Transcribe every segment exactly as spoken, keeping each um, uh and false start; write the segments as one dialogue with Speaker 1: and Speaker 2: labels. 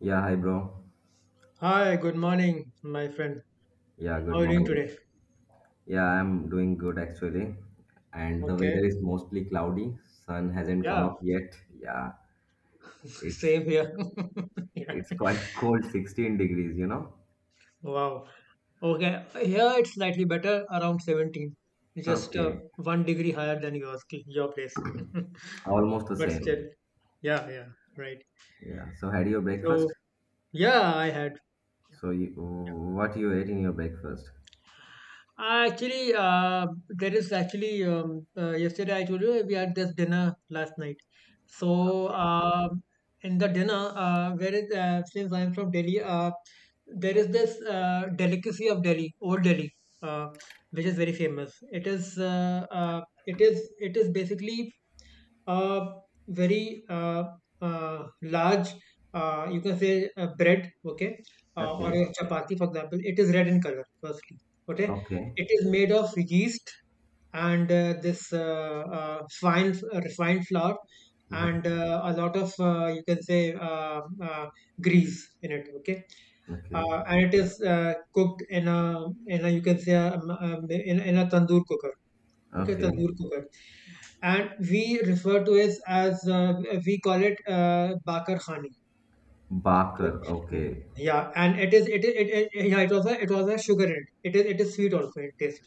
Speaker 1: Yeah, hi bro.
Speaker 2: Hi, good morning, my friend.
Speaker 1: Yeah,
Speaker 2: How
Speaker 1: good
Speaker 2: are you doing
Speaker 1: morning.
Speaker 2: today?
Speaker 1: Yeah, I'm doing good actually. And the
Speaker 2: Okay.
Speaker 1: weather is mostly cloudy. Sun hasn't come
Speaker 2: Yeah,
Speaker 1: up yet. Yeah, it's
Speaker 2: same here. Yeah.
Speaker 1: it's quite cold, sixteen degrees, you know.
Speaker 2: Wow. Okay. Here it's slightly better, around seventeen. Just uh,
Speaker 1: Okay,
Speaker 2: one degree higher than yours, your place.
Speaker 1: almost the
Speaker 2: But still,
Speaker 1: same.
Speaker 2: yeah, yeah, right.
Speaker 1: Yeah. So had your
Speaker 2: So,
Speaker 1: breakfast?
Speaker 2: yeah, I had. Yeah.
Speaker 1: So you, what you ate in your breakfast?
Speaker 2: Uh, Actually, uh, there is actually um, uh, yesterday I told you we had this dinner last night. So um, in the dinner, uh, where is uh, since I'm from Delhi, uh, there is this uh, delicacy of Delhi, Old Delhi, uh, which is very famous. It is uh, uh, it is it is basically a very uh, uh, large, uh, you can say, uh, bread, okay, uh, or
Speaker 1: Okay.
Speaker 2: a chapati, for example. It is red in color, firstly, okay.
Speaker 1: Okay.
Speaker 2: It is made of yeast and uh, this uh, uh, fine, uh, refined flour
Speaker 1: Mhm.
Speaker 2: and uh, a lot of, uh, you can say, uh, uh, grease in it, okay,
Speaker 1: Okay.
Speaker 2: uh, and it is uh, cooked in a in a you can say a, um, um, in, in a tandoor cooker. Okay,
Speaker 1: Okay.
Speaker 2: tandoor cooker, and we refer to it as uh, we call it uh, bakar khani. Okay.
Speaker 1: Barker.
Speaker 2: Mm,
Speaker 1: Okay.
Speaker 2: yeah, and it is it is it, it it- yeah it was a it was a sugar in it. It is it is sweet also in taste.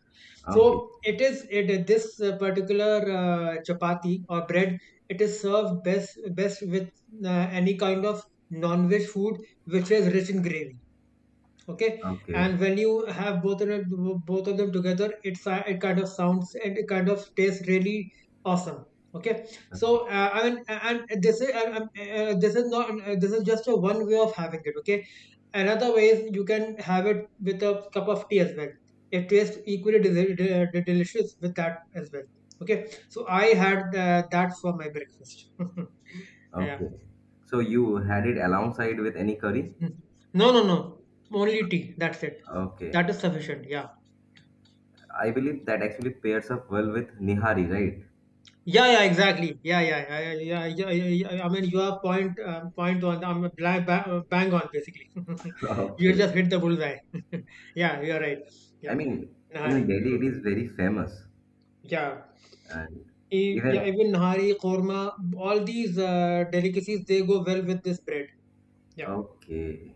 Speaker 2: So
Speaker 1: Okay.
Speaker 2: it is it this uh, particular uh, chapati or bread. It is served best best with uh, any kind of non-veg food which is rich in gravy, okay,
Speaker 1: Okay.
Speaker 2: and when you have both of them both of them together, it's uh, it kind of sounds and it kind of tastes really awesome, okay. So
Speaker 1: Okay.
Speaker 2: uh, I mean, and this is and, um, uh, this is not uh, this is just a one way of having it, okay. Another way is you can have it with a cup of tea as well. It tastes equally desi- de- de- delicious with that as well, okay. So I had uh, that for my breakfast. Yeah.
Speaker 1: Okay. So you had it alongside with any curry?
Speaker 2: No, no, no, only tea, that's it.
Speaker 1: Okay.
Speaker 2: That is sufficient, yeah.
Speaker 1: I believe that actually pairs up well with Nihari, right?
Speaker 2: Yeah, yeah, exactly. Yeah, yeah, yeah, yeah, yeah, yeah, yeah, yeah, yeah. I mean, you are point, uh, point on. I'm bang, bang on basically. You
Speaker 1: Okay.
Speaker 2: just hit the bullseye. Yeah, you're right.
Speaker 1: I
Speaker 2: Yeah.
Speaker 1: mean, in
Speaker 2: Nahari.
Speaker 1: Delhi, it
Speaker 2: Mhm.
Speaker 1: is very famous.
Speaker 2: Yeah.
Speaker 1: And
Speaker 2: E- yeah.
Speaker 1: even,
Speaker 2: Even Nahari, korma, all these uh, delicacies, they go well with this bread. Yeah,
Speaker 1: okay.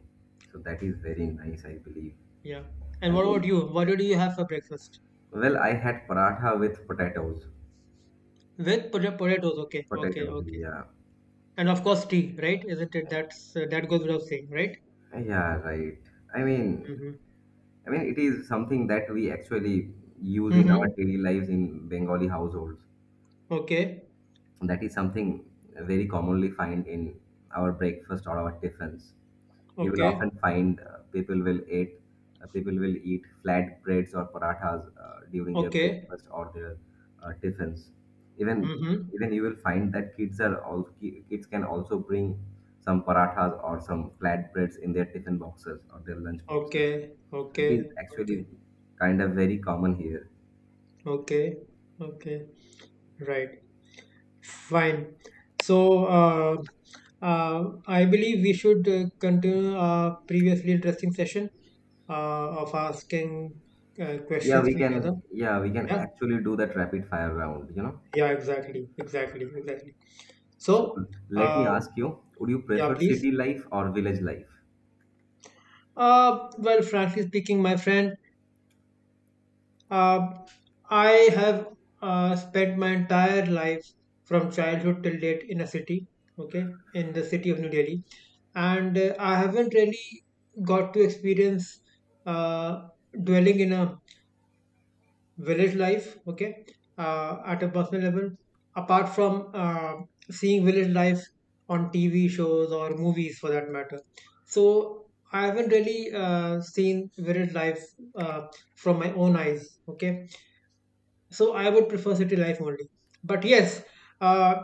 Speaker 1: So that is very nice, I believe.
Speaker 2: yeah. And
Speaker 1: I
Speaker 2: what about
Speaker 1: mean,
Speaker 2: you? What do you have for breakfast?
Speaker 1: well, I had paratha with potatoes.
Speaker 2: With pota- potatoes. Okay, okay,
Speaker 1: Potatoes,
Speaker 2: okay.
Speaker 1: yeah.
Speaker 2: And of course, tea. Right? Isn't it? That's uh, that goes without saying, right?
Speaker 1: Yeah, right. I mean,
Speaker 2: Mm-hmm.
Speaker 1: I mean, it is something that we actually use in our
Speaker 2: Mm-hmm.
Speaker 1: daily lives in Bengali households.
Speaker 2: Okay.
Speaker 1: That is something very commonly find in our breakfast or our tiffins. You will
Speaker 2: Okay.
Speaker 1: often find uh, people will eat uh, people will eat flat breads or parathas uh, during their
Speaker 2: Okay.
Speaker 1: breakfast or their uh, tiffins. Even
Speaker 2: Mm-hmm.
Speaker 1: even you will find that kids are all kids can also bring some parathas or some flat breads in their tiffin boxes or their lunch boxes.
Speaker 2: Okay.
Speaker 1: So it is
Speaker 2: Okay.
Speaker 1: actually
Speaker 2: Okay.
Speaker 1: kind of very common here.
Speaker 2: Okay. Okay. Right. Fine. So, uh, uh, I believe we should uh, continue our previously interesting session uh, of asking uh,
Speaker 1: Yeah,
Speaker 2: questions
Speaker 1: we
Speaker 2: to each other.
Speaker 1: can. Yeah, we can
Speaker 2: Yeah.
Speaker 1: actually do that rapid fire round. You know.
Speaker 2: Yeah. Exactly. Exactly. Exactly.
Speaker 1: So
Speaker 2: So,
Speaker 1: let me
Speaker 2: uh,
Speaker 1: ask you, would you
Speaker 2: yeah.
Speaker 1: prefer
Speaker 2: Please.
Speaker 1: city life or village life?
Speaker 2: Uh, well, frankly speaking, my friend. Uh, I have uh, spent my entire life from childhood till date in a city, okay, in the city of New Delhi, and uh, I haven't really got to experience uh, dwelling in a village life, okay, uh, at a personal level, apart from uh, seeing village life on T V shows or movies for that matter. So I haven't really uh, seen village life uh, from my own eyes, okay, so I would prefer city life only. But yes, uh,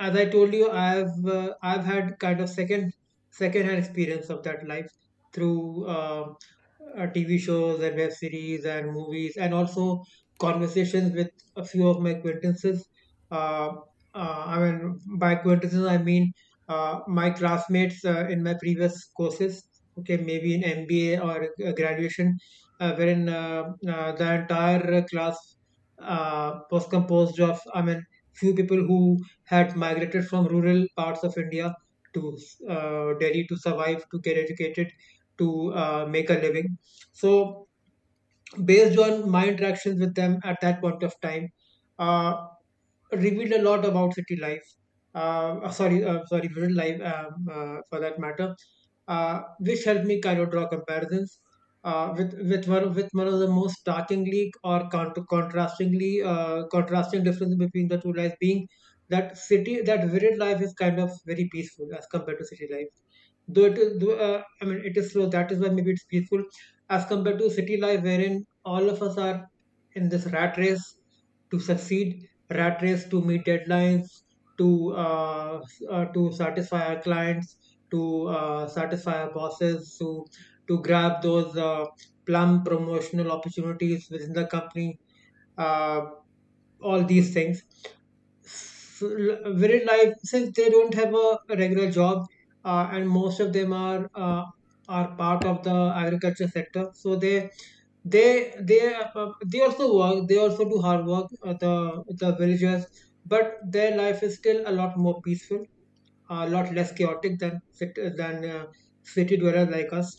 Speaker 2: as I told you, I've uh, I've had kind of second second-hand experience of that life through um uh, T V shows and web series and movies, and also conversations with a few of my acquaintances. Uh, uh, I mean, by acquaintances, I mean uh, my classmates uh, in my previous courses. Okay, maybe in M B A or uh, graduation, uh, wherein uh, uh, the entire class uh, was composed of, I mean, few people who had migrated from rural parts of India to uh, Delhi to survive, to get educated, to uh, make a living. So based on my interactions with them at that point of time, uh, revealed a lot about city life. Uh, uh, sorry, uh, sorry, rural life um, uh, for that matter, uh, which helped me kind of draw comparisons uh, with with one of, with one of the most starkingly or counter, contrastingly uh, contrasting difference between the two lives being that city that rural life is kind of very peaceful as compared to city life, though it is though, uh, I mean it is slow, that is why maybe it's peaceful as compared to city life wherein all of us are in this rat race to succeed, rat race to meet deadlines, to uh, s- uh, to satisfy our clients, to uh, satisfy our bosses, to to grab those uh, plum promotional opportunities within the company, uh, all these things l- very life, since they don't have a regular job uh, and most of them are uh, are part of the agriculture sector, so they they they uh, they also work, they also do hard work uh, the the villagers, but their life is still a lot more peaceful, a lot less chaotic than cit- than uh, city dwellers like us.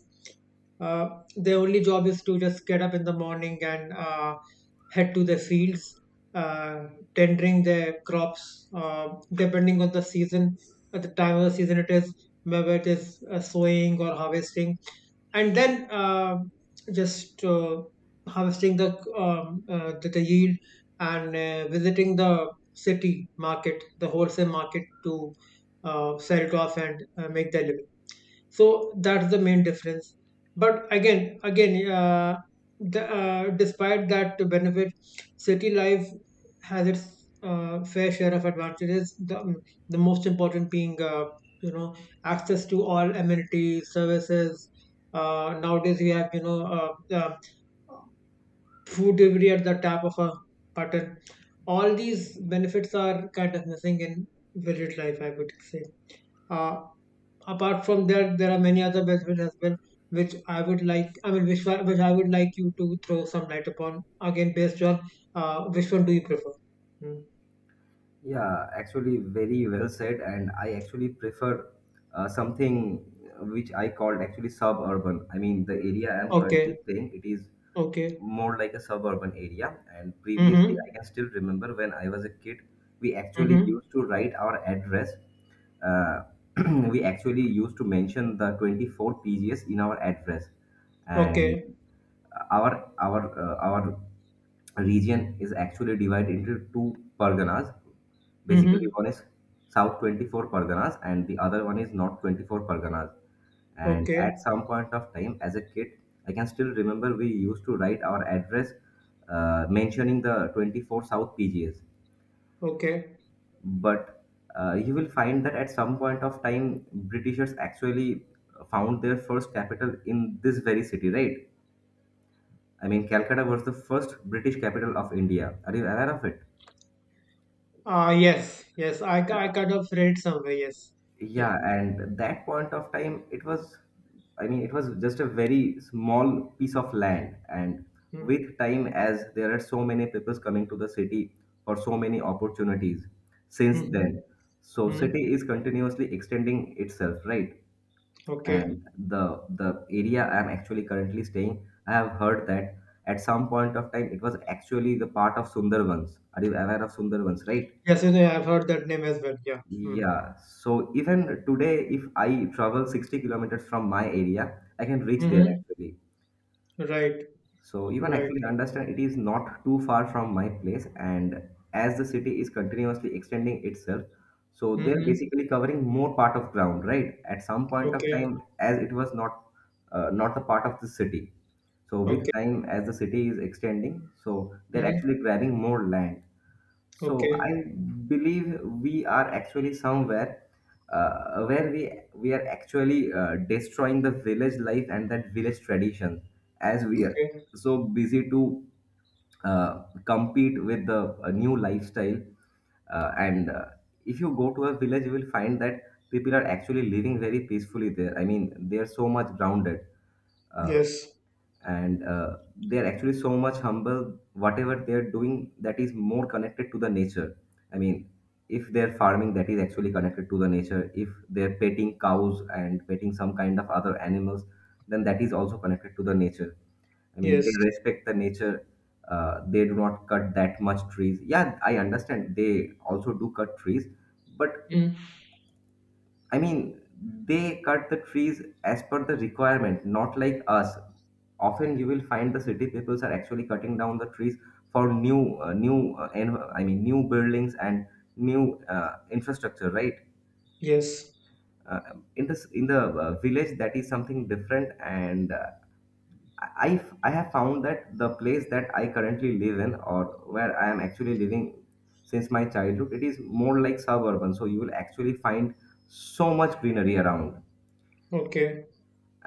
Speaker 2: Uh, their only job is to just get up in the morning and uh, head to the fields, uh, tendering their crops, uh, depending on the season. At the time of the season, it is whether it is uh, sowing or harvesting, and then uh, just uh, harvesting the um, uh, the, the yield and uh, visiting the city market, the wholesale market to uh, sell it off and uh, make their living. So that's the main difference. But again, again, uh, the, uh, despite that benefit, city life has its uh, fair share of advantages. The, um, the most important being, uh, you know, access to all amenities, services. Uh, nowadays, we have, you know, uh, uh, food delivery at the tap of a button. All these benefits are kind of missing in village life, I would say. Uh, Apart from that, there are many other benefits as well, which I would like. I mean, which one, which I would like you to throw some light upon. Again, based on uh, which one do you prefer? Hmm.
Speaker 1: Yeah, actually, very well said. And I actually prefer uh, something which I called actually suburban. I mean, the area I'm currently
Speaker 2: Okay.
Speaker 1: staying, it is
Speaker 2: Okay.
Speaker 1: more like a suburban area. And previously,
Speaker 2: Mm-hmm.
Speaker 1: I can still remember when I was a kid, we actually
Speaker 2: Mm-hmm.
Speaker 1: used to write our address. Uh, we actually used to mention the twenty-four P G S in our address, and
Speaker 2: Okay.
Speaker 1: our our uh, our region is actually divided into two parganas. Basically,
Speaker 2: Mm-hmm.
Speaker 1: one is South twenty-four Parganas and the other one is North twenty-four Parganas. And at
Speaker 2: Okay.
Speaker 1: some point of time, as a kid, I can still remember we used to write our address uh, mentioning the twenty-four South P G S.
Speaker 2: Okay.
Speaker 1: But uh, you will find that at some point of time, Britishers actually found their first capital in this very city, right? I mean, Calcutta was the first British capital of India. Are you aware of it?
Speaker 2: Uh, yes. Yes. I, ki- I kind of read somewhere. Yes. Yeah.
Speaker 1: Yeah, and that point of time, it was, I mean, it was just a very small piece of land. And
Speaker 2: Mm-hmm.
Speaker 1: with time, as there are so many people coming to the city for so many opportunities since
Speaker 2: Mm-hmm.
Speaker 1: then, so
Speaker 2: Mm-hmm.
Speaker 1: city is continuously extending itself, right?
Speaker 2: Okay.
Speaker 1: And the the area I'm actually currently staying, I have heard that at some point of time it was actually the part of Sundarbans. Are you aware of Sundarbans, right?
Speaker 2: Yes. You know, I've heard that name as well. Yeah. Mm-hmm.
Speaker 1: Yeah, so even today, if I travel sixty kilometers from my area, I can reach there
Speaker 2: Mm-hmm.
Speaker 1: actually.
Speaker 2: Right.
Speaker 1: So you can
Speaker 2: Right.
Speaker 1: actually understand it is not too far from my place, and as the city is continuously extending itself, so they're
Speaker 2: Mm-hmm.
Speaker 1: basically covering more part of ground, right? At some point of
Speaker 2: Okay.
Speaker 1: time, as it was not uh, not the part of the city. So with
Speaker 2: Okay.
Speaker 1: time, as the city is extending, so they're
Speaker 2: Mm-hmm.
Speaker 1: actually grabbing more land. So
Speaker 2: Okay.
Speaker 1: I believe we are actually somewhere uh, where we we are actually uh, destroying the village life and that village tradition as we are
Speaker 2: Okay.
Speaker 1: so busy to uh, compete with the a new lifestyle. Uh, and uh, if you go to a village, you will find that people are actually living very peacefully there. I mean, they are so much grounded. Uh,
Speaker 2: Yes.
Speaker 1: and uh, they are actually so much humble whatever they are doing, that is more connected to the nature. I mean, if they're farming, that is actually connected to the nature. If they're petting cows and petting some kind of other animals, then that is also connected to the nature. I mean, they
Speaker 2: Yes.
Speaker 1: respect the nature. Uh, they do not cut that much trees. Yeah, I understand they also do cut trees, but
Speaker 2: Mm.
Speaker 1: I mean, they cut the trees as per the requirement, not like us. Often you will find the city peoples are actually cutting down the trees for new, uh, new, uh, en- I mean, new buildings and new uh, infrastructure, right?
Speaker 2: Yes.
Speaker 1: Uh, in this, in the uh, village, that is something different, and uh, I, I've- I have found that the place that I currently live in, or where I am actually living since my childhood, it is more like suburban. So you will actually find so much greenery around,
Speaker 2: Okay.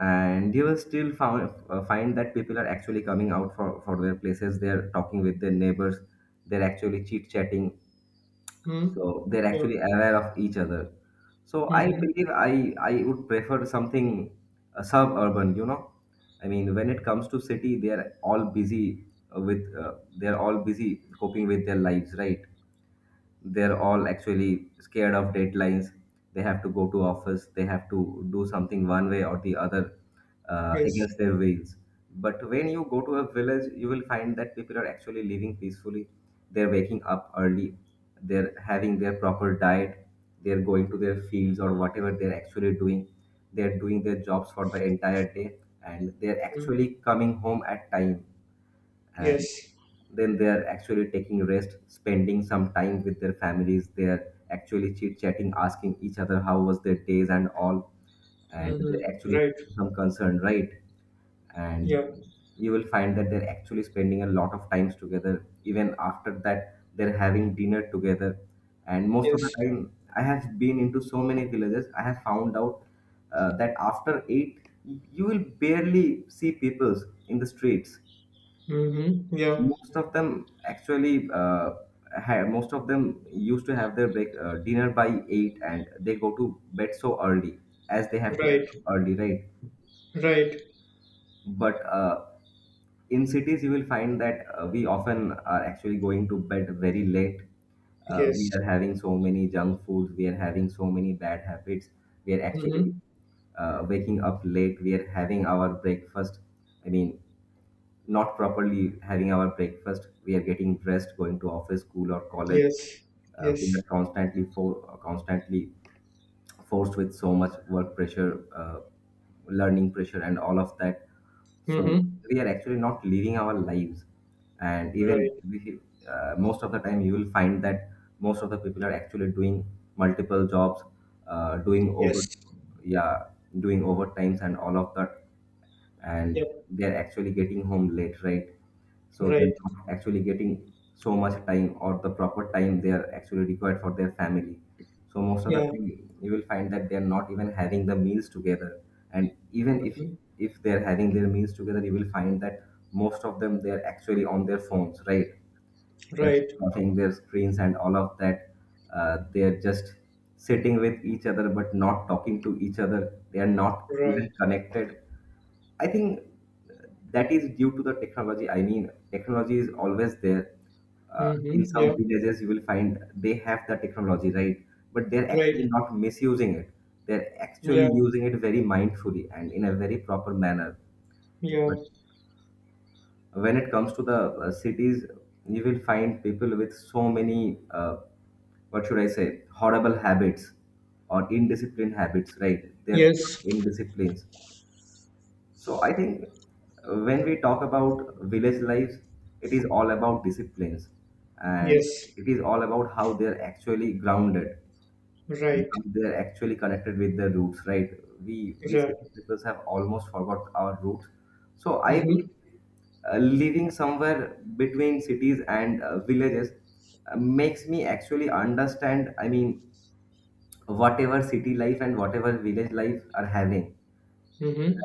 Speaker 1: and you will still found, uh, find that people are actually coming out for, for their places, they're talking with their neighbors, they're actually chit chatting.
Speaker 2: Mm.
Speaker 1: So they're
Speaker 2: Yeah.
Speaker 1: actually aware of each other. So I
Speaker 2: Mm-hmm.
Speaker 1: believe i i would prefer something uh, suburban, you know. I mean, when it comes to city, they're all busy uh, with uh, they're all busy coping with their lives, right? They're all actually scared of deadlines. They have to go to office, they have to do something one way or the other, uh,
Speaker 2: Yes.
Speaker 1: against their wills. But when you go to a village, you will find that people are actually living peacefully. They're waking up early, they're having their proper diet, they're going to their fields or whatever they're actually doing. They're doing their jobs for the entire day, and they're
Speaker 2: Mm.
Speaker 1: actually coming home at time.
Speaker 2: Yes.
Speaker 1: Then they are actually taking rest, spending some time with their families. They are actually chit chatting, asking each other how was their days and all, and
Speaker 2: Mm-hmm.
Speaker 1: they're actually
Speaker 2: Right.
Speaker 1: some concern, right? And
Speaker 2: Yeah.
Speaker 1: you will find that they're actually spending a lot of times together. Even after that, they're having dinner together. And most of the
Speaker 2: Yes.
Speaker 1: time, I have been into so many villages, I have found out uh, that after eight, you will barely see peoples in the streets.
Speaker 2: Mm-hmm. Yeah.
Speaker 1: Most of them actually uh, had most of them used to have their break uh, dinner by eight and they go to bed so early, as they have to
Speaker 2: Right.
Speaker 1: wake up early, right?
Speaker 2: Right.
Speaker 1: But uh, in cities, you will find that uh, we often are actually going to bed very late. Uh,
Speaker 2: Yes.
Speaker 1: we are having so many junk foods, we are having so many bad habits. We are actually
Speaker 2: Mm-hmm.
Speaker 1: uh, waking up late, we are having our breakfast. I mean, not properly having our breakfast. We are getting dressed, going to office, school or college.
Speaker 2: Yes.
Speaker 1: Uh, we
Speaker 2: Yes.
Speaker 1: are constantly for constantly forced with so much work pressure, uh, learning pressure and all of that. So
Speaker 2: Mm-hmm.
Speaker 1: we are actually not living our lives. And even
Speaker 2: Right.
Speaker 1: we, uh, most of the time you will find that most of the people are actually doing multiple jobs, uh, doing over
Speaker 2: Yes.
Speaker 1: yeah doing overtimes and all of that, and
Speaker 2: Yeah.
Speaker 1: they're actually getting home late, right? So they're
Speaker 2: Right.
Speaker 1: not actually getting so much time or the proper time they are actually required for their family. So most of the
Speaker 2: Yeah.
Speaker 1: time, you will find that they're not even having the meals together. And even if
Speaker 2: Mhm.
Speaker 1: if they're having their meals together, you will find that most of them, they're actually on their phones, right? They're
Speaker 2: Right.
Speaker 1: watching their screens and all of that. Uh, they're just sitting with each other but not talking to each other. They are not
Speaker 2: Right.
Speaker 1: even connected. I think that is due to the technology. I mean, technology is always there. Uh, in
Speaker 2: Mm-hmm. Yeah.
Speaker 1: some villages you will find they have the technology, right? But they're actually
Speaker 2: Right.
Speaker 1: not misusing it. They're
Speaker 2: Yeah.
Speaker 1: actually using it very mindfully and in a very proper manner.
Speaker 2: Yeah.
Speaker 1: But when it comes to the uh, cities, you will find people with so many uh, what should I say, horrible habits or indisciplined habits, right? They're full
Speaker 2: Yes.
Speaker 1: of indisciplines. So I think when we talk about village lives, it is all about disciplines, and
Speaker 2: Yes.
Speaker 1: it is all about how they're actually grounded and
Speaker 2: Right.
Speaker 1: how they're actually connected with their roots, right? We we
Speaker 2: Right.
Speaker 1: city people have almost forgot our roots. So I
Speaker 2: Mm-hmm.
Speaker 1: believe uh, living somewhere between cities and uh, villages uh, makes me actually understand, I mean, whatever city life and whatever village life are having.
Speaker 2: Mm-hmm.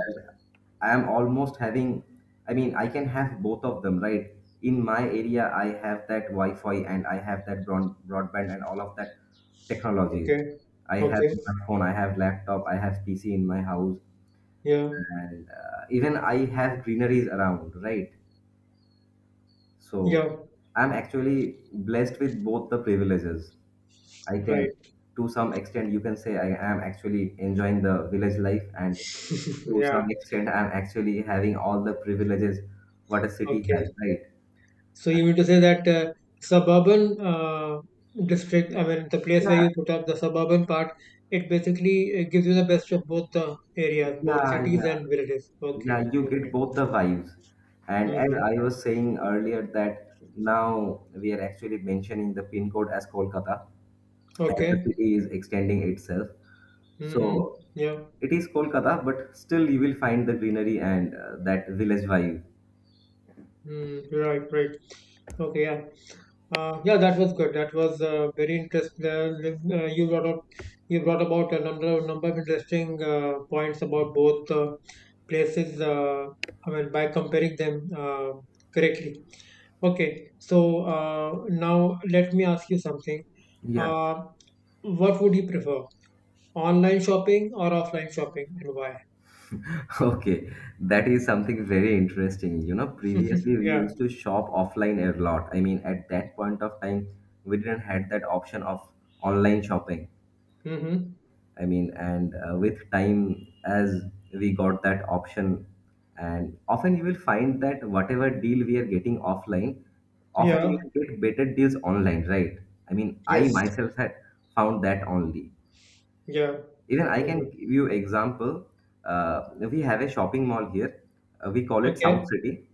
Speaker 1: I am almost having, I mean, I can have both of them, right? In my area, I have that Wi Fi and I have that broad, broadband and all of that technologies.
Speaker 2: Okay.
Speaker 1: I have
Speaker 2: Okay.
Speaker 1: smartphone, I have laptop, I have P C in my house,
Speaker 2: Yeah,
Speaker 1: and uh, even I have greeneries around, right? So
Speaker 2: yeah,
Speaker 1: I'm actually blessed with both the privileges. I can,
Speaker 2: right.
Speaker 1: to some extent, you can say I am actually enjoying the village life, and to some
Speaker 2: Yeah,
Speaker 1: extent I'm actually having all the privileges what a city has,
Speaker 2: okay.
Speaker 1: right?
Speaker 2: So you mean to say that uh, suburban uh, district, I mean, the place where
Speaker 1: Yeah,
Speaker 2: you put up, the suburban part, it basically uh, gives you the best of both the areas, both
Speaker 1: yeah,
Speaker 2: cities
Speaker 1: yeah,
Speaker 2: and villages.
Speaker 1: yeah,
Speaker 2: Okay,
Speaker 1: you get
Speaker 2: okay.
Speaker 1: both the vibes. And as
Speaker 2: Mm-hmm.
Speaker 1: I was saying earlier that now we are actually mentioning the pin code as Kolkata, as the
Speaker 2: Okay.
Speaker 1: city is extending itself.
Speaker 2: Mm-hmm.
Speaker 1: So
Speaker 2: Yeah.
Speaker 1: it is Kolkata, but still you will find the greenery and uh, that village vibe.
Speaker 2: Mm, right, right. Okay, yeah. Uh, yeah, that was good. That was uh, very interesting. Uh, with- uh, you brought up, you brought about a number of number of interesting uh, points about both uh, places. Uh, I mean, by comparing them uh, correctly. Okay, so uh, now let me ask you something.
Speaker 1: Yeah.
Speaker 2: Uh, what would you prefer, online shopping or offline shopping, and why?
Speaker 1: Okay, that is something very interesting. You know, previously we
Speaker 2: Yeah.
Speaker 1: used to shop offline a lot. I mean, at that point of time, we didn't had that option of online shopping.
Speaker 2: Mm-hmm.
Speaker 1: I mean, and uh, with time, as we got that option, and often you will find that whatever deal we are getting offline, often you
Speaker 2: Yeah.
Speaker 1: will get better deals online, right? I mean, I
Speaker 2: Yes.
Speaker 1: myself had found that only.
Speaker 2: Yeah.
Speaker 1: Even I can
Speaker 2: Mm-hmm.
Speaker 1: give you example. Uh, we have a shopping mall here. Uh, we call it South
Speaker 2: Okay.
Speaker 1: City,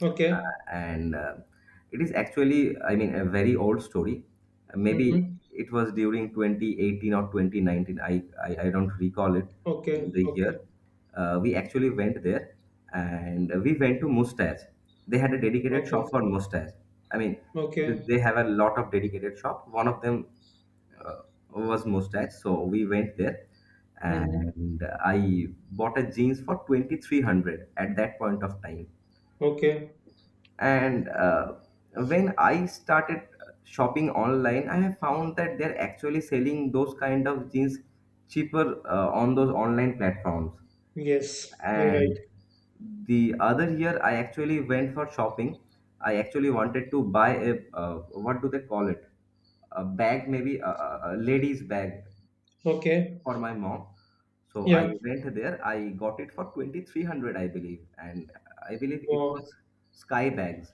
Speaker 2: Okay.
Speaker 1: and uh, it is actually, I mean, a very old story. Uh, Maybe
Speaker 2: Mm-hmm.
Speaker 1: it was during twenty eighteen or twenty nineteen. I I, I don't recall it. I mean,
Speaker 2: Okay,
Speaker 1: the
Speaker 2: okay,
Speaker 1: year. Uh, we actually went there, and we went to Mustache. They had a dedicated
Speaker 2: okay,
Speaker 1: shop for Mustache. I mean, th-
Speaker 2: okay.
Speaker 1: they have a lot of dedicated shop. One of them uh, was Mustache, so we went there
Speaker 2: Mm-hmm.
Speaker 1: and I bought a jeans for twenty-three hundred at that point of time.
Speaker 2: Okay.
Speaker 1: And uh, when I started shopping online, I have found that they're actually selling those kind of jeans cheaper uh, on those online platforms.
Speaker 2: Yes, you're right.
Speaker 1: And the other year I actually went for shopping. I actually wanted to buy a uh, what do they call it, a bag, maybe a, a a lady's bag
Speaker 2: Okay.
Speaker 1: for my mom. So I
Speaker 2: Yeah.
Speaker 1: went there. I got it for twenty-three hundred, I believe. And I believe it
Speaker 2: Wow.
Speaker 1: was Sky Bags.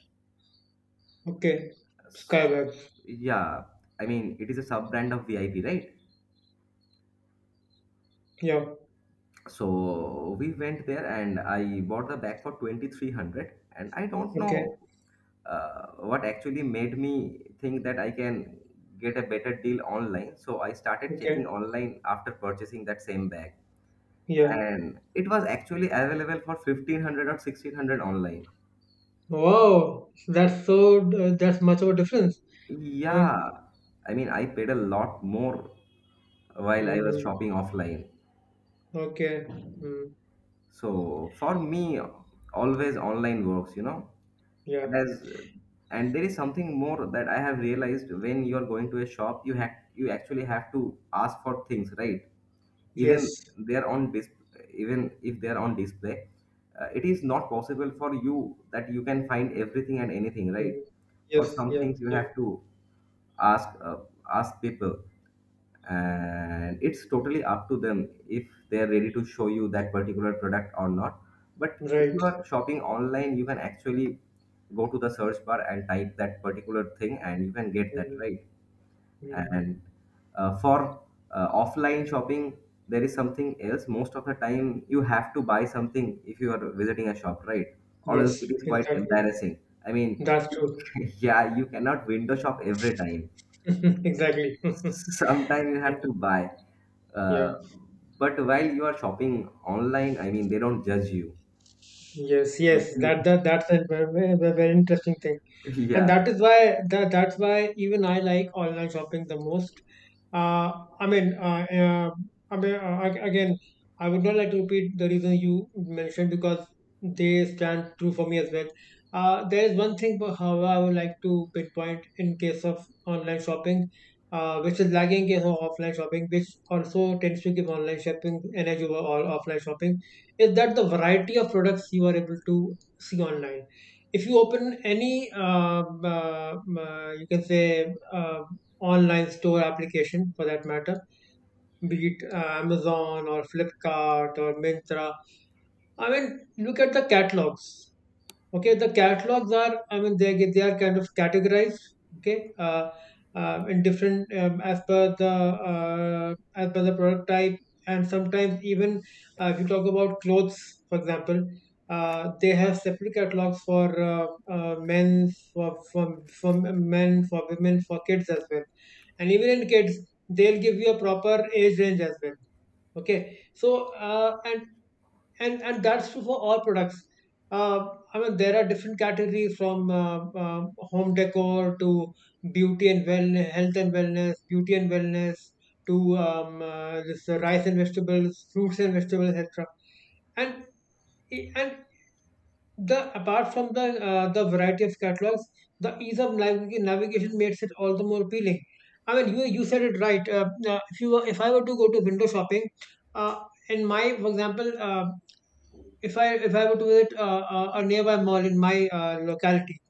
Speaker 2: Okay.
Speaker 1: S-
Speaker 2: Skyward.
Speaker 1: Yeah, I mean, it is a sub brand of V I P, right?
Speaker 2: Yeah.
Speaker 1: So we went there and I bought the bag for twenty-three hundred. And I don't
Speaker 2: Okay.
Speaker 1: know uh, what actually made me think that I can get a better deal online. So I started checking
Speaker 2: Okay.
Speaker 1: online after purchasing that same bag,
Speaker 2: Yeah.
Speaker 1: and it was actually available for fifteen hundred or sixteen hundred online.
Speaker 2: Wow. That's so. Uh, that's much of a difference. I
Speaker 1: Yeah,
Speaker 2: mean.
Speaker 1: I mean, I paid a lot more while I was
Speaker 2: Mm,
Speaker 1: shopping offline.
Speaker 2: okay. Mm,
Speaker 1: So for me, always online works, you know.
Speaker 2: yeah.
Speaker 1: As and there is something more that I have realized. When you are going to a shop, you have you actually have to ask for things, right?
Speaker 2: Yes.
Speaker 1: Even they're on dis even if they're on display, uh, it is not possible for you that you can find everything and anything, right?
Speaker 2: Mm,
Speaker 1: For
Speaker 2: yes.
Speaker 1: some
Speaker 2: Yeah.
Speaker 1: things, you
Speaker 2: Yeah.
Speaker 1: have to ask uh, ask people, and it's totally up to them if they are ready to show you that particular product or not. But if
Speaker 2: Right.
Speaker 1: you are shopping online, you can actually go to the search bar and type that particular thing and you can get that,
Speaker 2: Mm,
Speaker 1: right?
Speaker 2: mm.
Speaker 1: And uh, for uh, offline shopping, there is something else. Most of the time you have to buy something if you are visiting a shop, right? Or else it
Speaker 2: Yes.
Speaker 1: is quite
Speaker 2: Exactly.
Speaker 1: embarrassing, I mean.
Speaker 2: That's true.
Speaker 1: Yeah, you cannot window shop every time.
Speaker 2: Exactly. Yeah.
Speaker 1: Sometimes you have to buy. uh,
Speaker 2: Yeah.
Speaker 1: but while you are shopping online, I mean, they don't judge you.
Speaker 2: Yes, yes,
Speaker 1: You-
Speaker 2: that that that's a very, very interesting thing, and
Speaker 1: Yeah,
Speaker 2: that is why that, that's why even I like online shopping the most. Uh, I mean, uh, uh, I mean, uh, ag- again, I would not like to repeat the reason you mentioned because they stand true for me as well. Uh, there is one thing, but however, I would like to pinpoint in case of online shopping, uh, which is lagging in case of offline shopping, which also tends to give online shopping energy over all offline shopping, is that the variety of products you are able to see online. If you open any uh, uh, uh, you can say uh, online store application for that matter, be it uh, Amazon or Flipkart or Myntra, I mean, look at the catalogs. Okay, the catalogs are, I mean, they get- they are kind of categorized. okay uh, uh, in different, um, as per the, uh, as per the product type. And sometimes even, uh, if you talk about clothes, for example, uh, they have separate catalogs for uh, uh, men for, for for men, for women, for kids as well. And even in kids, they'll give you a proper age range as well. Okay, so uh, and and and that's true for all products. Uh, I mean, there are different categories from uh, uh, home decor to beauty and wellness, health and wellness, beauty and wellness, to um, uh, this, uh, rice and vegetables, fruits and vegetables, et cetera. And and the apart from the, uh, the variety of catalogs, the ease of navig- navigation makes it all the more appealing. I mean, you you said it right. Uh, uh, if you were, if I were to go to window shopping, uh, in my, for example. Uh, if I if I were to visit uh, uh, a nearby mall in my uh, locality,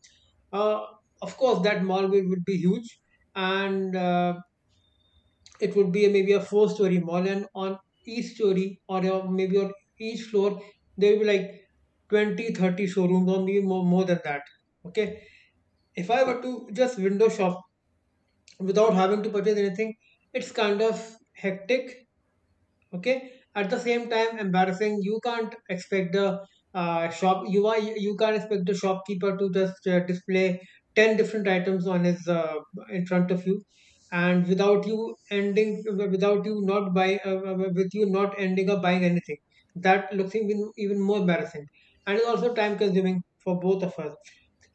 Speaker 2: uh, of course that mall will would be huge, and uh, it would be maybe a four-story mall, and on each story, or uh, maybe on each floor, there will be like twenty, thirty showrooms, or maybe more, more than that. Okay, if I were to just window shop without having to purchase anything, it's kind of hectic, okay, at the same time embarrassing. You can't expect the, uh, shop you are you can't expect the shopkeeper to just uh, display ten different items on his uh, in front of you, and without you ending, without you not buy uh, uh, with you not ending up buying anything. That looks even even more embarrassing, and is also time consuming for both of us.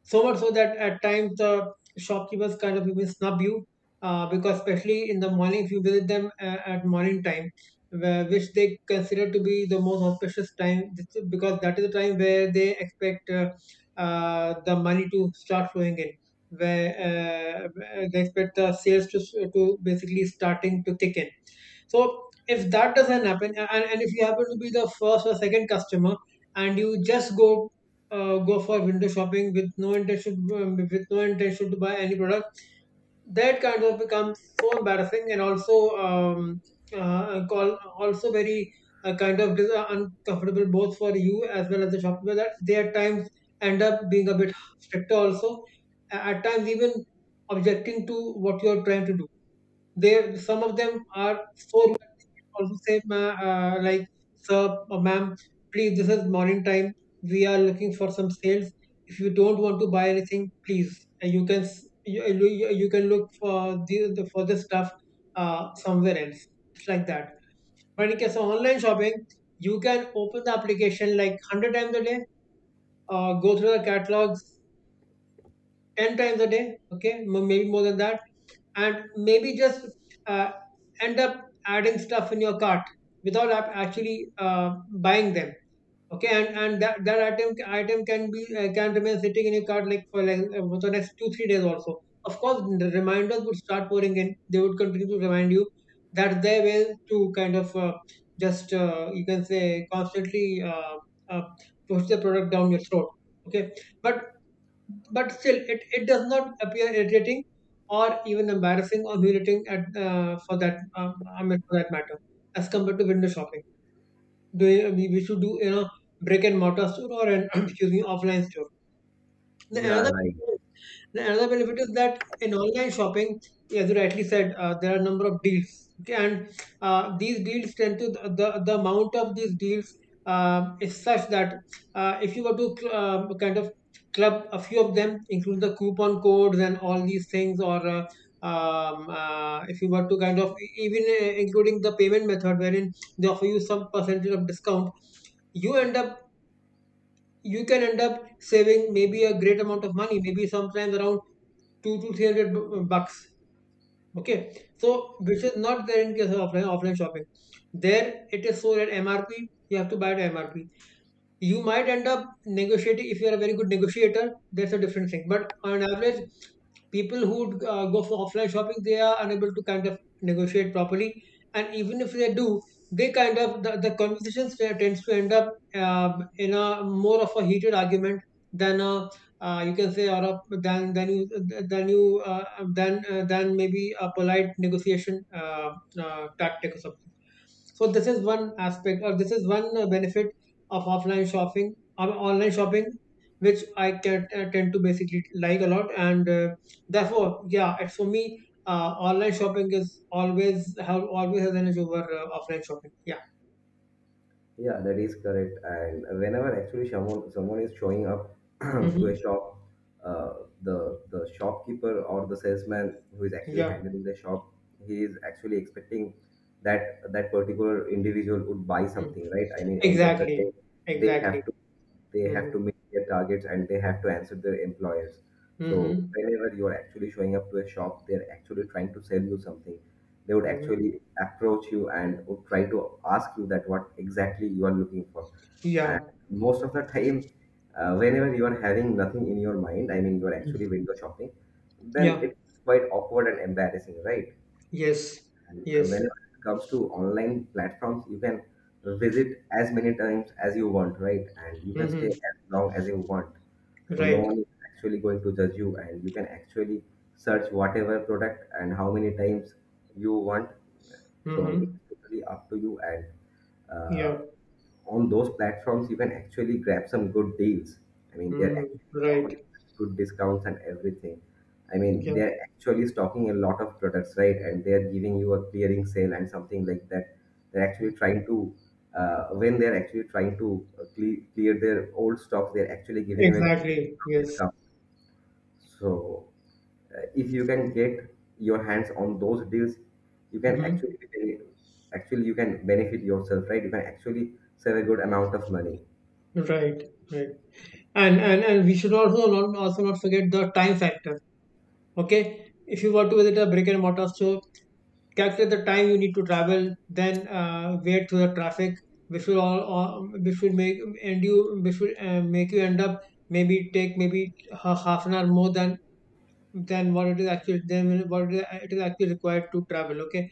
Speaker 2: So much so that at times the shopkeepers kind of even snub you, uh, because especially in the morning if you visit them uh, at morning time, where, which they consider to be the most auspicious time, this- is because that is the time where they expect uh, uh, the money to start flowing in, where uh, they expect the sales to, to basically starting to kick in. So if that doesn't happen, a- and, and if you happen to be the first or second customer, and you just go uh, go for window shopping with no intention, um, with no intention to buy any product, that kind of becomes so embarrassing, and also um, uh, call also very, uh, kind of dis- uh, uncomfortable, both for you as well as the shopkeeper, that they at times end up being a bit stricter also, a- at times even objecting to what you are trying to do. They, some of them are so rude that they can also say, "Ma- uh, like, sir or ma'am, please, this is morning time. We are looking for some sales. If you don't want to buy anything, please, uh, you can s- you, you, you can look for the, the, for this stuff uh, somewhere else." It's like that. But in case of online shopping, you can open the application like hundred times a day, uh, go through the catalogs, ten times a day, okay, m- maybe more than that, and maybe just uh, end up adding stuff in your cart without ap- actually uh, buying them. Okay, and and that, that item item can be, uh, can remain sitting in your cart, like for like, uh, for the next two three days also. Of course, the reminders would start pouring in, they would continue to remind you. That their way to kind of, uh, just uh, you can say constantly uh, uh, push the product down your throat. Okay, but but still, it, it does not appear irritating, or even embarrassing or humiliating, at uh, for that, um, I mean for that matter, as compared to window shopping. Do you- we, we should, do you know, brick and mortar store or an excuse me, offline store. The
Speaker 1: yeah,
Speaker 2: another
Speaker 1: right.
Speaker 2: the another benefit is that in online shopping, as you rightly said, uh, there are a number of deals. Okay, and uh, these deals tend to, the, the, the amount of these deals um is such that uh, if you were to cl- um kind of club a few of them, including the coupon codes and all these things, or uh, um, uh, if you were to kind of even, uh, including the payment method, wherein they offer you some percentage of discount, you end up you can end up saving maybe a great amount of money, maybe sometimes around two to three hundred bu- uh, bucks. Okay, so which is not there in case of offline, offline shopping. There it is sold at M R P. You have to buy at M R P. You might end up negotiating if you are a very good negotiator, that's a different thing, but on average people who uh, go for offline shopping, they are unable to kind of negotiate properly. And even if they do, they kind of, the, the conversations there tends to end up, um, in a more of a heated argument than a, uh, you can say or a, than than you than you uh, than uh, than maybe a polite negotiation uh, uh, tactic or something. So this is one aspect, or this is one uh, benefit of offline shopping of online shopping, which I can, uh, tend to basically like a lot. And uh, therefore, yeah, it's for me, uh, online shopping is always have always has an edge over uh, offline shopping. Yeah.
Speaker 1: Yeah, that is correct. And whenever actually someone someone is showing up to a
Speaker 2: Mm-hmm.
Speaker 1: shop, uh, the the shopkeeper or the salesman who is actually
Speaker 2: Yeah.
Speaker 1: handling the shop, he is actually expecting that that particular individual would buy
Speaker 2: Mm.
Speaker 1: something, right? I mean, end of the day,
Speaker 2: Exactly.
Speaker 1: they
Speaker 2: Exactly.
Speaker 1: have to they
Speaker 2: Mm-hmm.
Speaker 1: have to meet their targets and they have to answer their employers. So
Speaker 2: Mm-hmm.
Speaker 1: whenever you're actually showing up to a shop, they're actually trying to sell you something. They would
Speaker 2: Mm-hmm.
Speaker 1: actually approach you and would try to ask you that what exactly you are looking for. And
Speaker 2: Yeah.
Speaker 1: most of the time, uh, whenever you are having nothing in your mind, I mean you are
Speaker 2: Mm.
Speaker 1: actually window shopping, then
Speaker 2: Yeah.
Speaker 1: it's quite awkward and embarrassing, right?
Speaker 2: Yes.
Speaker 1: And uh,
Speaker 2: Yes.
Speaker 1: when it comes to online platforms, you can visit as many times as you want, right? And you can stay
Speaker 2: Mm-hmm.
Speaker 1: as long as you want. So no
Speaker 2: Right.
Speaker 1: one is actually going to judge you, and you can actually search whatever product and how many times you want. So it's
Speaker 2: Mm-hmm.
Speaker 1: totally up to you, and
Speaker 2: Yeah.
Speaker 1: uh, on those platforms you can actually grab some good deals. I mean, they're
Speaker 2: Mm-hmm.
Speaker 1: actually
Speaker 2: Right.
Speaker 1: offering good discounts and everything. I mean,
Speaker 2: Yeah.
Speaker 1: they're actually stocking a lot of products, right? And they're giving you a clearing sale and something like that. They're actually trying to, uh, when they're actually trying to uh, cle- clear their old stocks, they're actually giving you a good
Speaker 2: Exactly. Yes.
Speaker 1: discount. So, uh, if you can get your hands on those deals, you can
Speaker 2: Mm-hmm.
Speaker 1: actually be- actually you can benefit yourself, right? You can actually save a good amount of money.
Speaker 2: Right. Right. And and and we should also not also not forget the time factor. Okay, if you want to visit a brick and mortar store, calculate the time you need to travel, then uh, wait through the traffic, which will all, all which will make, and you which will uh, make you end up, maybe take maybe ha- half an hour more than than what it is actually than what it is it is actually required to travel. Okay,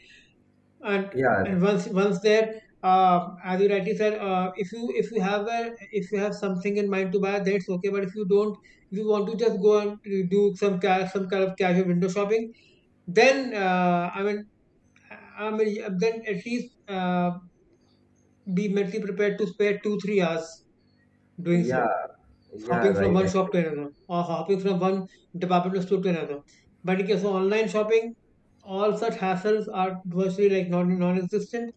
Speaker 2: and and
Speaker 1: Yeah,
Speaker 2: once once there, uh, as you rightly said, uh, if you, if you have a if you have something in mind to buy, that's okay, but if you don't, if you want to just go and do some ca- some kind of casual window shopping, then uh, i mean i mean then at least uh, be mentally prepared to spare two three hours doing so,
Speaker 1: yeah, yeah,
Speaker 2: hopping from
Speaker 1: right.
Speaker 2: one shop
Speaker 1: Actually,
Speaker 2: to another, or hopping from one department store to another. But okay, so online shopping, all such hassles are virtually like non non-existent.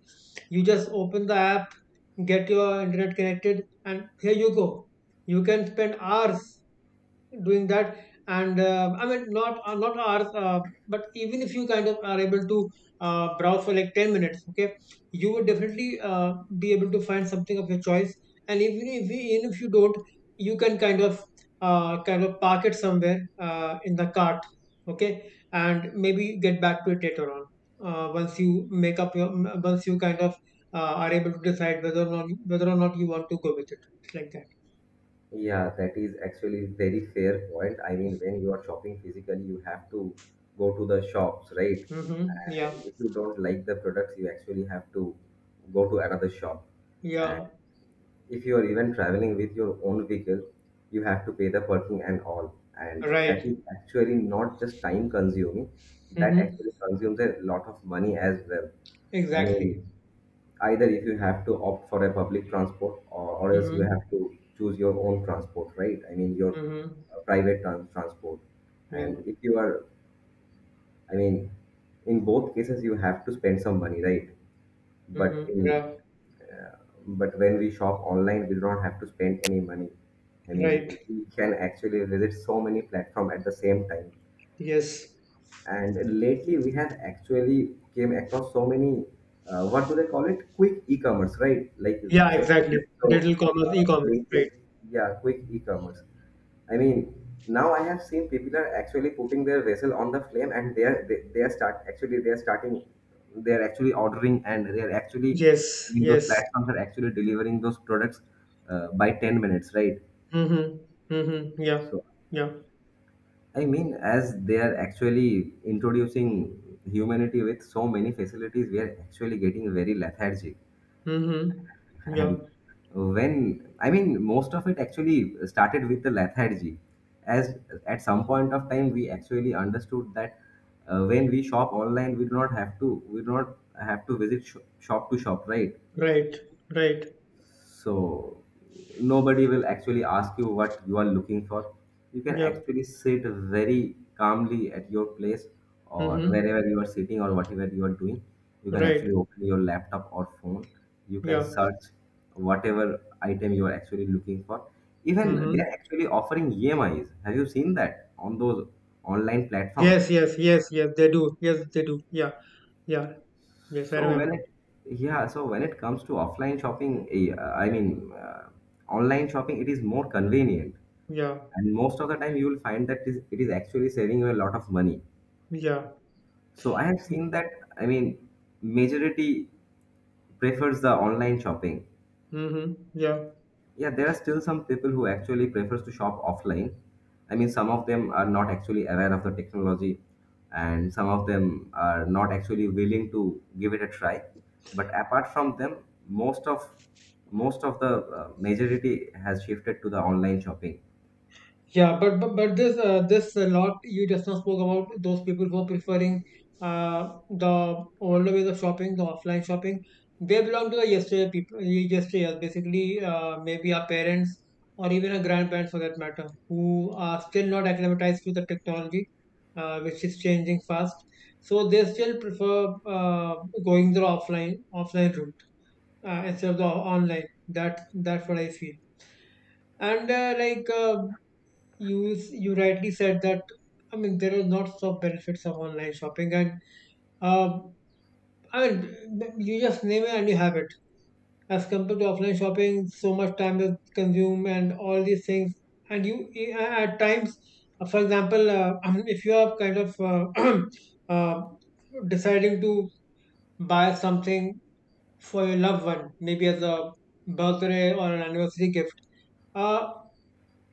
Speaker 2: You just open the app, get your internet connected, and here you go. You can spend hours doing that. And uh, i mean not uh, not hours, uh, but even if you kind of are able to uh, browse for like ten minutes, okay, you would definitely uh, be able to find something of your choice. And even if you, even if you don't, you can kind of uh, kind of park it somewhere, uh, in the cart. Okay, and maybe get back to it later on, uh, once you make up your once you kind of uh, are able to decide whether or not whether or not you want to go with it. It's like
Speaker 1: yeah, that is actually very fair point. I mean, when you are shopping physically, you have to go to the shops, right?
Speaker 2: that. Hmm. Yeah.
Speaker 1: And if you don't like the products, you actually have to go to another shop. And
Speaker 2: Yeah.
Speaker 1: if you are even traveling with your own vehicle, you have to pay the parking and all. And that
Speaker 2: Right.
Speaker 1: is actually not just time consuming, that
Speaker 2: Mm-hmm.
Speaker 1: actually consumes a lot of money as well. I
Speaker 2: Exactly.
Speaker 1: mean, either if you have to opt for a public transport, or, or else you
Speaker 2: Mm-hmm.
Speaker 1: have to choose your own transport, right? I mean your
Speaker 2: Mm-hmm.
Speaker 1: uh, private trans- transport. And
Speaker 2: Yeah.
Speaker 1: if you are, I mean, in both cases you have to spend some money, right? But
Speaker 2: Mm-hmm.
Speaker 1: in
Speaker 2: Yeah.
Speaker 1: uh, but when we shop online, we don't have to spend any money. I mean,
Speaker 2: Right.
Speaker 1: we can actually visit so many platforms at the same time.
Speaker 2: Yes.
Speaker 1: And lately we have actually came across so many uh, what do they call it, quick e-commerce, right? Like you
Speaker 2: Yeah,
Speaker 1: say,
Speaker 2: exactly. Digital
Speaker 1: so
Speaker 2: commerce,
Speaker 1: uh,
Speaker 2: e-commerce. Right.
Speaker 1: LinkedIn. Yeah, quick e-commerce, I mean, now I have seen people are actually putting their vessel on the flame, and they are they, they are start actually they are starting they are actually ordering. And they are actually I
Speaker 2: Yes.
Speaker 1: mean, those
Speaker 2: Yes.
Speaker 1: platforms are actually delivering those products uh, by ten minutes, right?
Speaker 2: Mm-hmm. Mm-hmm. Yeah.
Speaker 1: So,
Speaker 2: Yeah.
Speaker 1: I mean, as they are actually introducing humanity with so many facilities, we are actually getting very lethargic.
Speaker 2: Mm-hmm.
Speaker 1: And
Speaker 2: Yeah.
Speaker 1: when, I mean, most of it actually started with the lethargy. As At some point of time, we actually understood that uh, when we shop online, we do not have to, we do not have to visit sh- shop to shop, right?
Speaker 2: Right. Right.
Speaker 1: So nobody will actually ask you what you are looking for. You can
Speaker 2: Yeah.
Speaker 1: actually sit very calmly at your place, or
Speaker 2: Mm-hmm.
Speaker 1: wherever you are sitting or whatever you are doing. You can
Speaker 2: Right.
Speaker 1: actually open your laptop or phone. You can
Speaker 2: Yeah.
Speaker 1: search whatever item you are actually looking for. Even they
Speaker 2: Mm-hmm.
Speaker 1: are actually offering E M Is. Have you seen that on those online platforms?
Speaker 2: Yes, yes, yes, yes, they do. Yes, they do. Yeah. Yeah. Yes, I
Speaker 1: So when
Speaker 2: remember.
Speaker 1: it Yeah, so when it comes to offline shopping, eh, uh, I mean uh, online shopping, it is more convenient,
Speaker 2: Yeah.
Speaker 1: and most of the time you will find that is it is actually saving you a lot of money.
Speaker 2: Yeah.
Speaker 1: So I have seen that, I mean, majority prefers the online shopping.
Speaker 2: Mm-hmm. Yeah.
Speaker 1: Yeah, there are still some people who actually prefers to shop offline. I mean, some of them are not actually aware of the technology, and some of them are not actually willing to give it a try. But apart from them, most of most of the uh, majority has shifted to the online shopping.
Speaker 2: Yeah, but but, but this, uh, this a lot you just now spoke about, those people who are preferring uh, the older ways of shopping, the offline shopping. They belong to the yesterday people, yesterday, basically uh, maybe our parents, or even our grandparents for that matter, who are still not acclimatized to the technology, uh, which is changing fast. So they still prefer, uh, going the offline offline route, uh, instead of the online. That that's what I feel. And uh, like uh, you is- you rightly said that. I mean there are lots of benefits of online shopping, and uh, I mean you just name it and you have it, as compared to offline shopping. So much time is consumed and all these things, and you eh, at times, uh, for example, uh, if you are kind of uh, uh, deciding to buy something for your loved one, maybe as a birthday or an anniversary gift. Uh,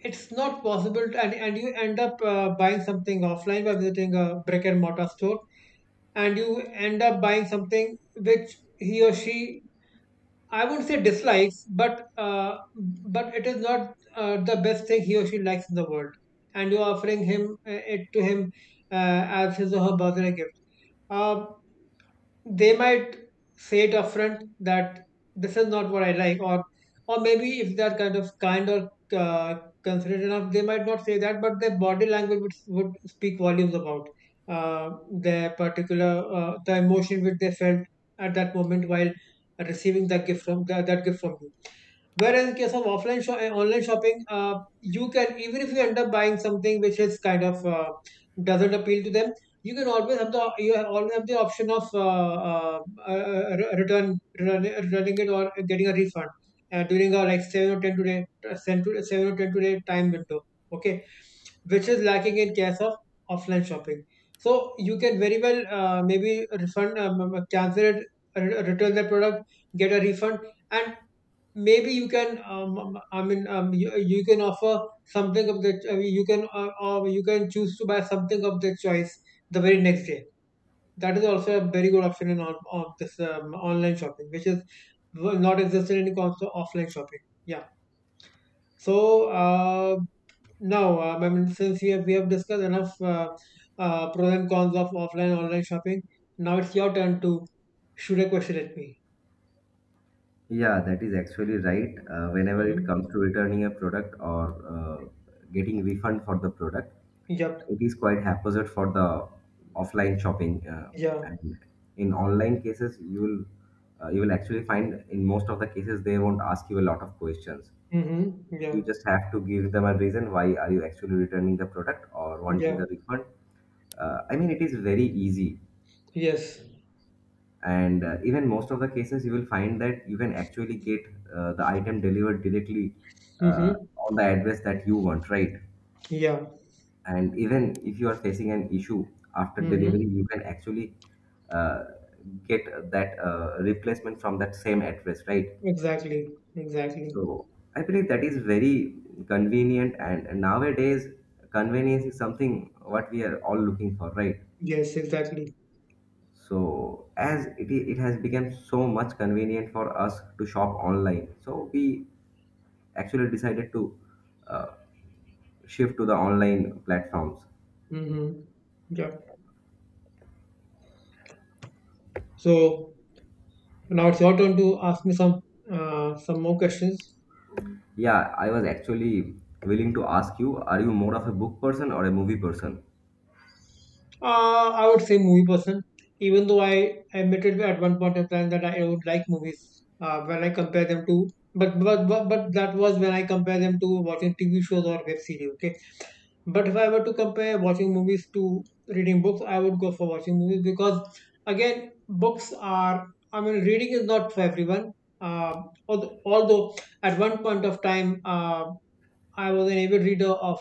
Speaker 2: it's not possible to, and, and you end up uh, buying something offline by visiting a brick and mortar store, and you end up buying something which he or she, i wouldn't say dislikes, but uh, but it is not uh, the best thing he or she likes in the world, and you're offering him uh, it to him uh, as his or her birthday gift. uh, they might say it upfront that this is not what I like, or or maybe if they're kind of kind or uh, considerate enough, they might not say that, but their body language would, would speak volumes about uh, their particular uh, the emotion which they felt at that moment while receiving that gift from that, that gift from you. Whereas in case of offline shop, online shopping, uh, you can, even if you end up buying something which is kind of uh, doesn't appeal to them, you can always have the you have always have the option of uh, uh, uh, uh, re- return, return returning it or getting a refund uh, during a like seven or ten to day seven to seven or ten to day time window. Okay, which is lacking in case of offline shopping. So you can very well uh, maybe refund, um, cancel it, re- return the product, get a refund, and maybe you can um, um, i mean um, you, you can offer something of the I mean, you can uh, uh, you can choose to buy something of their choice the very next day. That is also a very good option in on, on this um, online shopping, which is not existent in comes to offline shopping. Yeah. So uh, now um, I mean since we have we have discussed enough uh, uh, pros and cons of offline online shopping, now it's your turn to shoot a question at me.
Speaker 1: Yeah, that is actually right. Uh, whenever it
Speaker 2: Mm-hmm.
Speaker 1: comes to returning a product or uh, getting refund for the product,
Speaker 2: Yep.
Speaker 1: it is quite haphazard for the offline shopping. Uh,
Speaker 2: Yeah.
Speaker 1: and in online cases you will uh, you will actually find in most of the cases they won't ask you a lot of questions.
Speaker 2: Mm-hmm. Yeah.
Speaker 1: You just have to give them a reason why are you actually returning the product or wanting
Speaker 2: Yeah.
Speaker 1: the refund. uh, I mean, it is very easy.
Speaker 2: Yes.
Speaker 1: And uh, even most of the cases you will find that you can actually get uh, the item delivered directly uh,
Speaker 2: Mm-hmm.
Speaker 1: on the address that you want, right?
Speaker 2: Yeah.
Speaker 1: And even if you are facing an issue after
Speaker 2: Mm-hmm.
Speaker 1: delivery, you can actually uh, get that uh, replacement from that same address, right?
Speaker 2: Exactly. Exactly.
Speaker 1: So I believe that is very convenient, and nowadays convenience is something what we are all looking for, right?
Speaker 2: Yes, exactly.
Speaker 1: So as it, i- it has become so much convenient for us to shop online, so we actually decided to uh, shift to the online platforms.
Speaker 2: Mm-hmm. Yeah. So now it's your turn to ask me some uh, some more questions.
Speaker 1: Yeah, I was actually willing to ask you, are you more of a book person or a movie person?
Speaker 2: Uh, I would say movie person, even though I admitted at one point in time that I would like movies uh, when I compare them to, but, but but but that was when I compare them to watching T V shows or web series. Okay. But if I were to compare watching movies to reading books, I would go for watching movies because, again, books are, I mean, reading is not for everyone. Um although, although at one point of time, uh, I was an avid reader of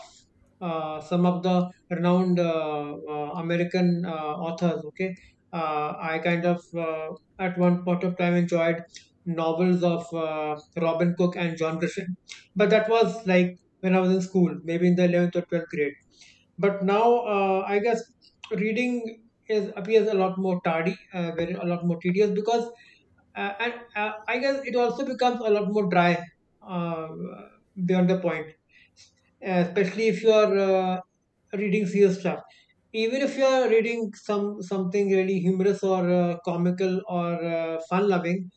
Speaker 2: uh, some of the renowned uh, uh, American uh, authors. Okay. uh, I kind of uh, at one point of time enjoyed novels of uh, Robin Cook and John Grisham, but that was like when I was in school, maybe in the eleventh or twelfth grade. But now uh, I guess reading is appears a lot more tardy, uh, very a lot more tedious, because uh, and uh, I guess it also becomes a lot more dry uh, beyond the point, uh, especially if you are uh, reading serious stuff. Even if you are reading some something really humorous or uh, comical or uh, fun-loving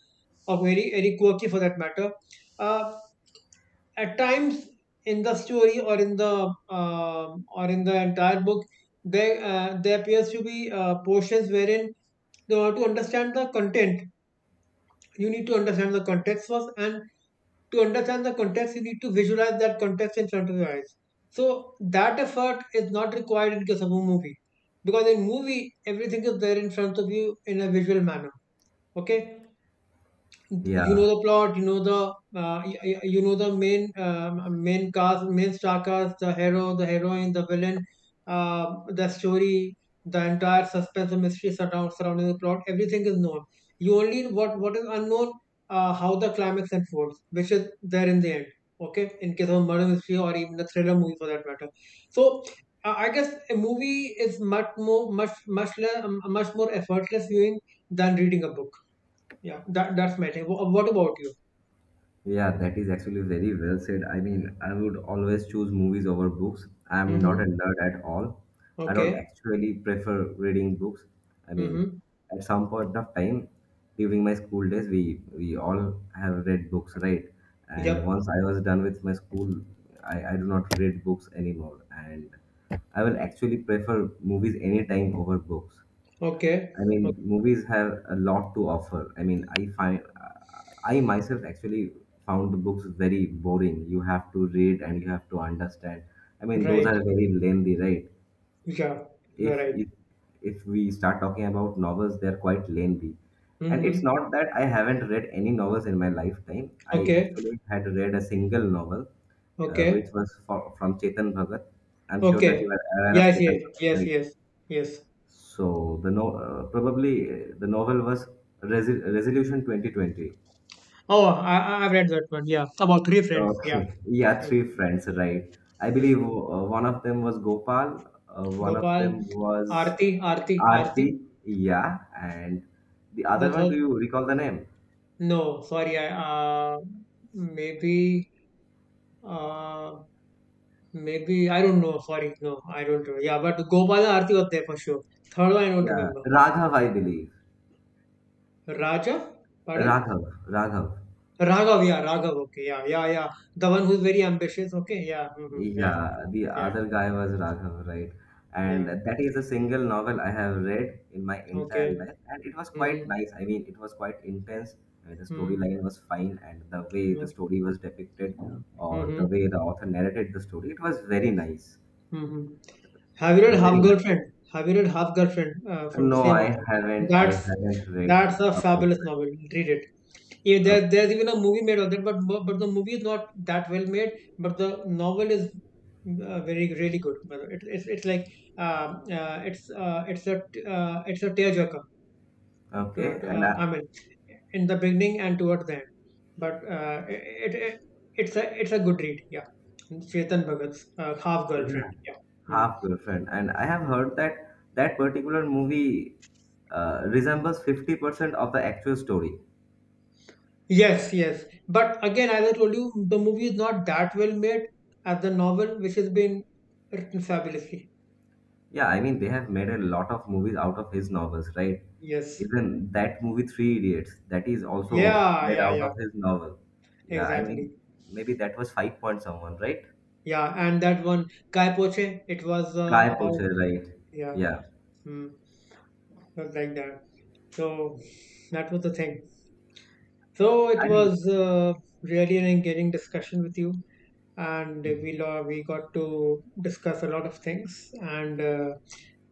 Speaker 2: or very very quirky for that matter, uh, at times in the story or in the um or in the entire book, there uh, there appears to be uh, portions wherein they want to understand the content. You need to understand the context first, and to understand the context you need to visualize that context in front of your eyes, so that effort is not required in case of a movie, because in movie everything is there in front of you in a visual manner. Okay. You know
Speaker 1: Yeah,
Speaker 2: the plot, you know the uh, y- y- you know the main um main cast, main star cast, the hero, the heroine, the villain, uh, the story, the entire suspense and mystery surround, surrounding the plot, everything is known. You only what what is unknown, uh, how the climax unfolds, which is there in the end. Okay, in case of a murder mystery or even a thriller movie for that matter. So uh, I guess a movie is much more much much less, much more effortless viewing than reading a book. Yeah, that that's matter. Wh- What about you?
Speaker 1: yeah, that is actually very well said. I mean, I would always choose movies over books. I'm not a
Speaker 2: Mm-hmm.
Speaker 1: nerd at all. I don't
Speaker 2: Okay.
Speaker 1: actually prefer reading books. I mean,
Speaker 2: Mm-hmm.
Speaker 1: at some point of time during my school days, we we all have read books, right? And
Speaker 2: Yep.
Speaker 1: once I was done with my school, I, I do not read books anymore. And I will actually prefer movies anytime over books.
Speaker 2: Okay.
Speaker 1: I
Speaker 2: O-
Speaker 1: mean, movies have a lot to offer. I mean, I find I myself actually found the books very boring. You have to read and you have to understand. I mean, those
Speaker 2: Right.
Speaker 1: are very lengthy, right?
Speaker 2: Yeah. You're
Speaker 1: If
Speaker 2: right.
Speaker 1: if if we start talking about novels, they're quite lengthy. And it's
Speaker 2: Mm-hmm.
Speaker 1: not that I haven't read any novels in my lifetime. I
Speaker 2: Okay.
Speaker 1: actually had read a single novel, uh,
Speaker 2: Okay.
Speaker 1: which was for, from Chetan Bhagat. I'm sure that you
Speaker 2: Okay.
Speaker 1: are aware of
Speaker 2: Yes. Yes.
Speaker 1: Chetan Bhagat,
Speaker 2: Yes.
Speaker 1: right?
Speaker 2: Yes. Yes.
Speaker 1: So the no uh, probably uh, the novel was Resi Resolution twenty twenty.
Speaker 2: Oh, I I- I've read that one. Yeah. About three friends. Yeah.
Speaker 1: Okay, yeah, three
Speaker 2: Mm-hmm.
Speaker 1: friends, right? I believe
Speaker 2: Mm-hmm.
Speaker 1: uh, one of them was Gopal, uh, one of
Speaker 2: Gopal,
Speaker 1: them was
Speaker 2: Aarti, Aarti, Aarti.
Speaker 1: Aarti, yeah, and the
Speaker 2: The
Speaker 1: other one, do
Speaker 2: third.
Speaker 1: you recall the name?
Speaker 2: No. Sorry. I uh maybe uh Maybe I don't know. Sorry, no, I don't remember. Yeah, but Gopala Arti was there for sure. Third one I don't
Speaker 1: Yeah,
Speaker 2: remember.
Speaker 1: Raghav, I believe.
Speaker 2: Raja, pardon?
Speaker 1: Raghav, Raghav.
Speaker 2: Raghav, yeah, Raghav. Okay, yeah, yeah, yeah. The one who's very ambitious. Okay, yeah, mm-hmm, yeah,
Speaker 1: Yeah, the
Speaker 2: yeah,
Speaker 1: other guy was Raghav, right? And
Speaker 2: yeah.
Speaker 1: that is a single novel I have read in my
Speaker 2: Okay.
Speaker 1: entire life, and it was quite
Speaker 2: Mm-hmm,
Speaker 1: nice. I mean, it was quite intense. I mean, the
Speaker 2: mm-hmm,
Speaker 1: storyline was fine, and the way the
Speaker 2: okay.
Speaker 1: story was depicted, or the
Speaker 2: Mm-hmm,
Speaker 1: way the author narrated the story, it was very nice.
Speaker 2: mm-hmm. Have you read Half
Speaker 1: Very nice.
Speaker 2: Girlfriend? Have you read Half Girlfriend uh, from the
Speaker 1: No,
Speaker 2: same
Speaker 1: I
Speaker 2: author?
Speaker 1: haven't. I
Speaker 2: That's
Speaker 1: haven't read.
Speaker 2: that's a
Speaker 1: Okay,
Speaker 2: fabulous novel. Read it. Yeah, there,
Speaker 1: okay,
Speaker 2: there's even a movie made of that, but mo- but the movie is not that well made. But the novel is uh, very really good. But it, it's it's like um, uh, it's uh, it's a t- uh, it's a tearjerker. To,
Speaker 1: okay.
Speaker 2: to,
Speaker 1: And I,
Speaker 2: uh, I mean, in the beginning and towards the end. But uh, it, it it's a it's a good read. Yeah, Chetan Bhagat's uh, half
Speaker 1: yeah,
Speaker 2: girlfriend. Yeah. Hmm.
Speaker 1: Half Girlfriend, and I have heard that that particular movie uh, resembles fifty percent of the actual story.
Speaker 2: Yes, yes. But again, as I told you, the movie is not that well made as the novel, which has been written fabulously.
Speaker 1: Yeah, I mean, they have made a lot of movies out of his novels, right?
Speaker 2: Yes.
Speaker 1: Even that movie, Three Idiots, that is also
Speaker 2: Yeah,
Speaker 1: made
Speaker 2: yeah,
Speaker 1: out
Speaker 2: yeah.
Speaker 1: of his novel. Yeah, I mean,
Speaker 2: Exactly.
Speaker 1: maybe that was Five Point Someone, right?
Speaker 2: Yeah, and that one Kai Poche, it was uh,
Speaker 1: Guy
Speaker 2: about
Speaker 1: Pocher, right?
Speaker 2: yeah,
Speaker 1: Yeah,
Speaker 2: mm, was like that. So that was the thing. So it
Speaker 1: I mean,
Speaker 2: was uh, really an engaging discussion with you, and we lo- we got to discuss a lot of things, and uh,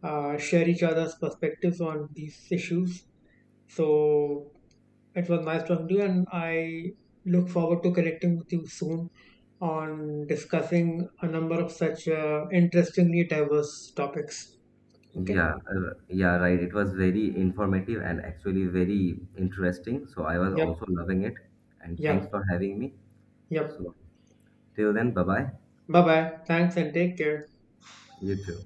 Speaker 2: uh, share each other's perspectives on these issues. So it was nice talking to you, and I look forward to connecting with you soon on discussing a number of such uh, interestingly diverse topics. Okay.
Speaker 1: yeah, uh, yeah, right. It was very informative and actually very interesting. So I was
Speaker 2: Yep.
Speaker 1: also loving it. And
Speaker 2: Yeah.
Speaker 1: thanks for having me.
Speaker 2: Yep.
Speaker 1: So, till then, bye bye.
Speaker 2: Bye bye. Thanks and take care.
Speaker 1: You too.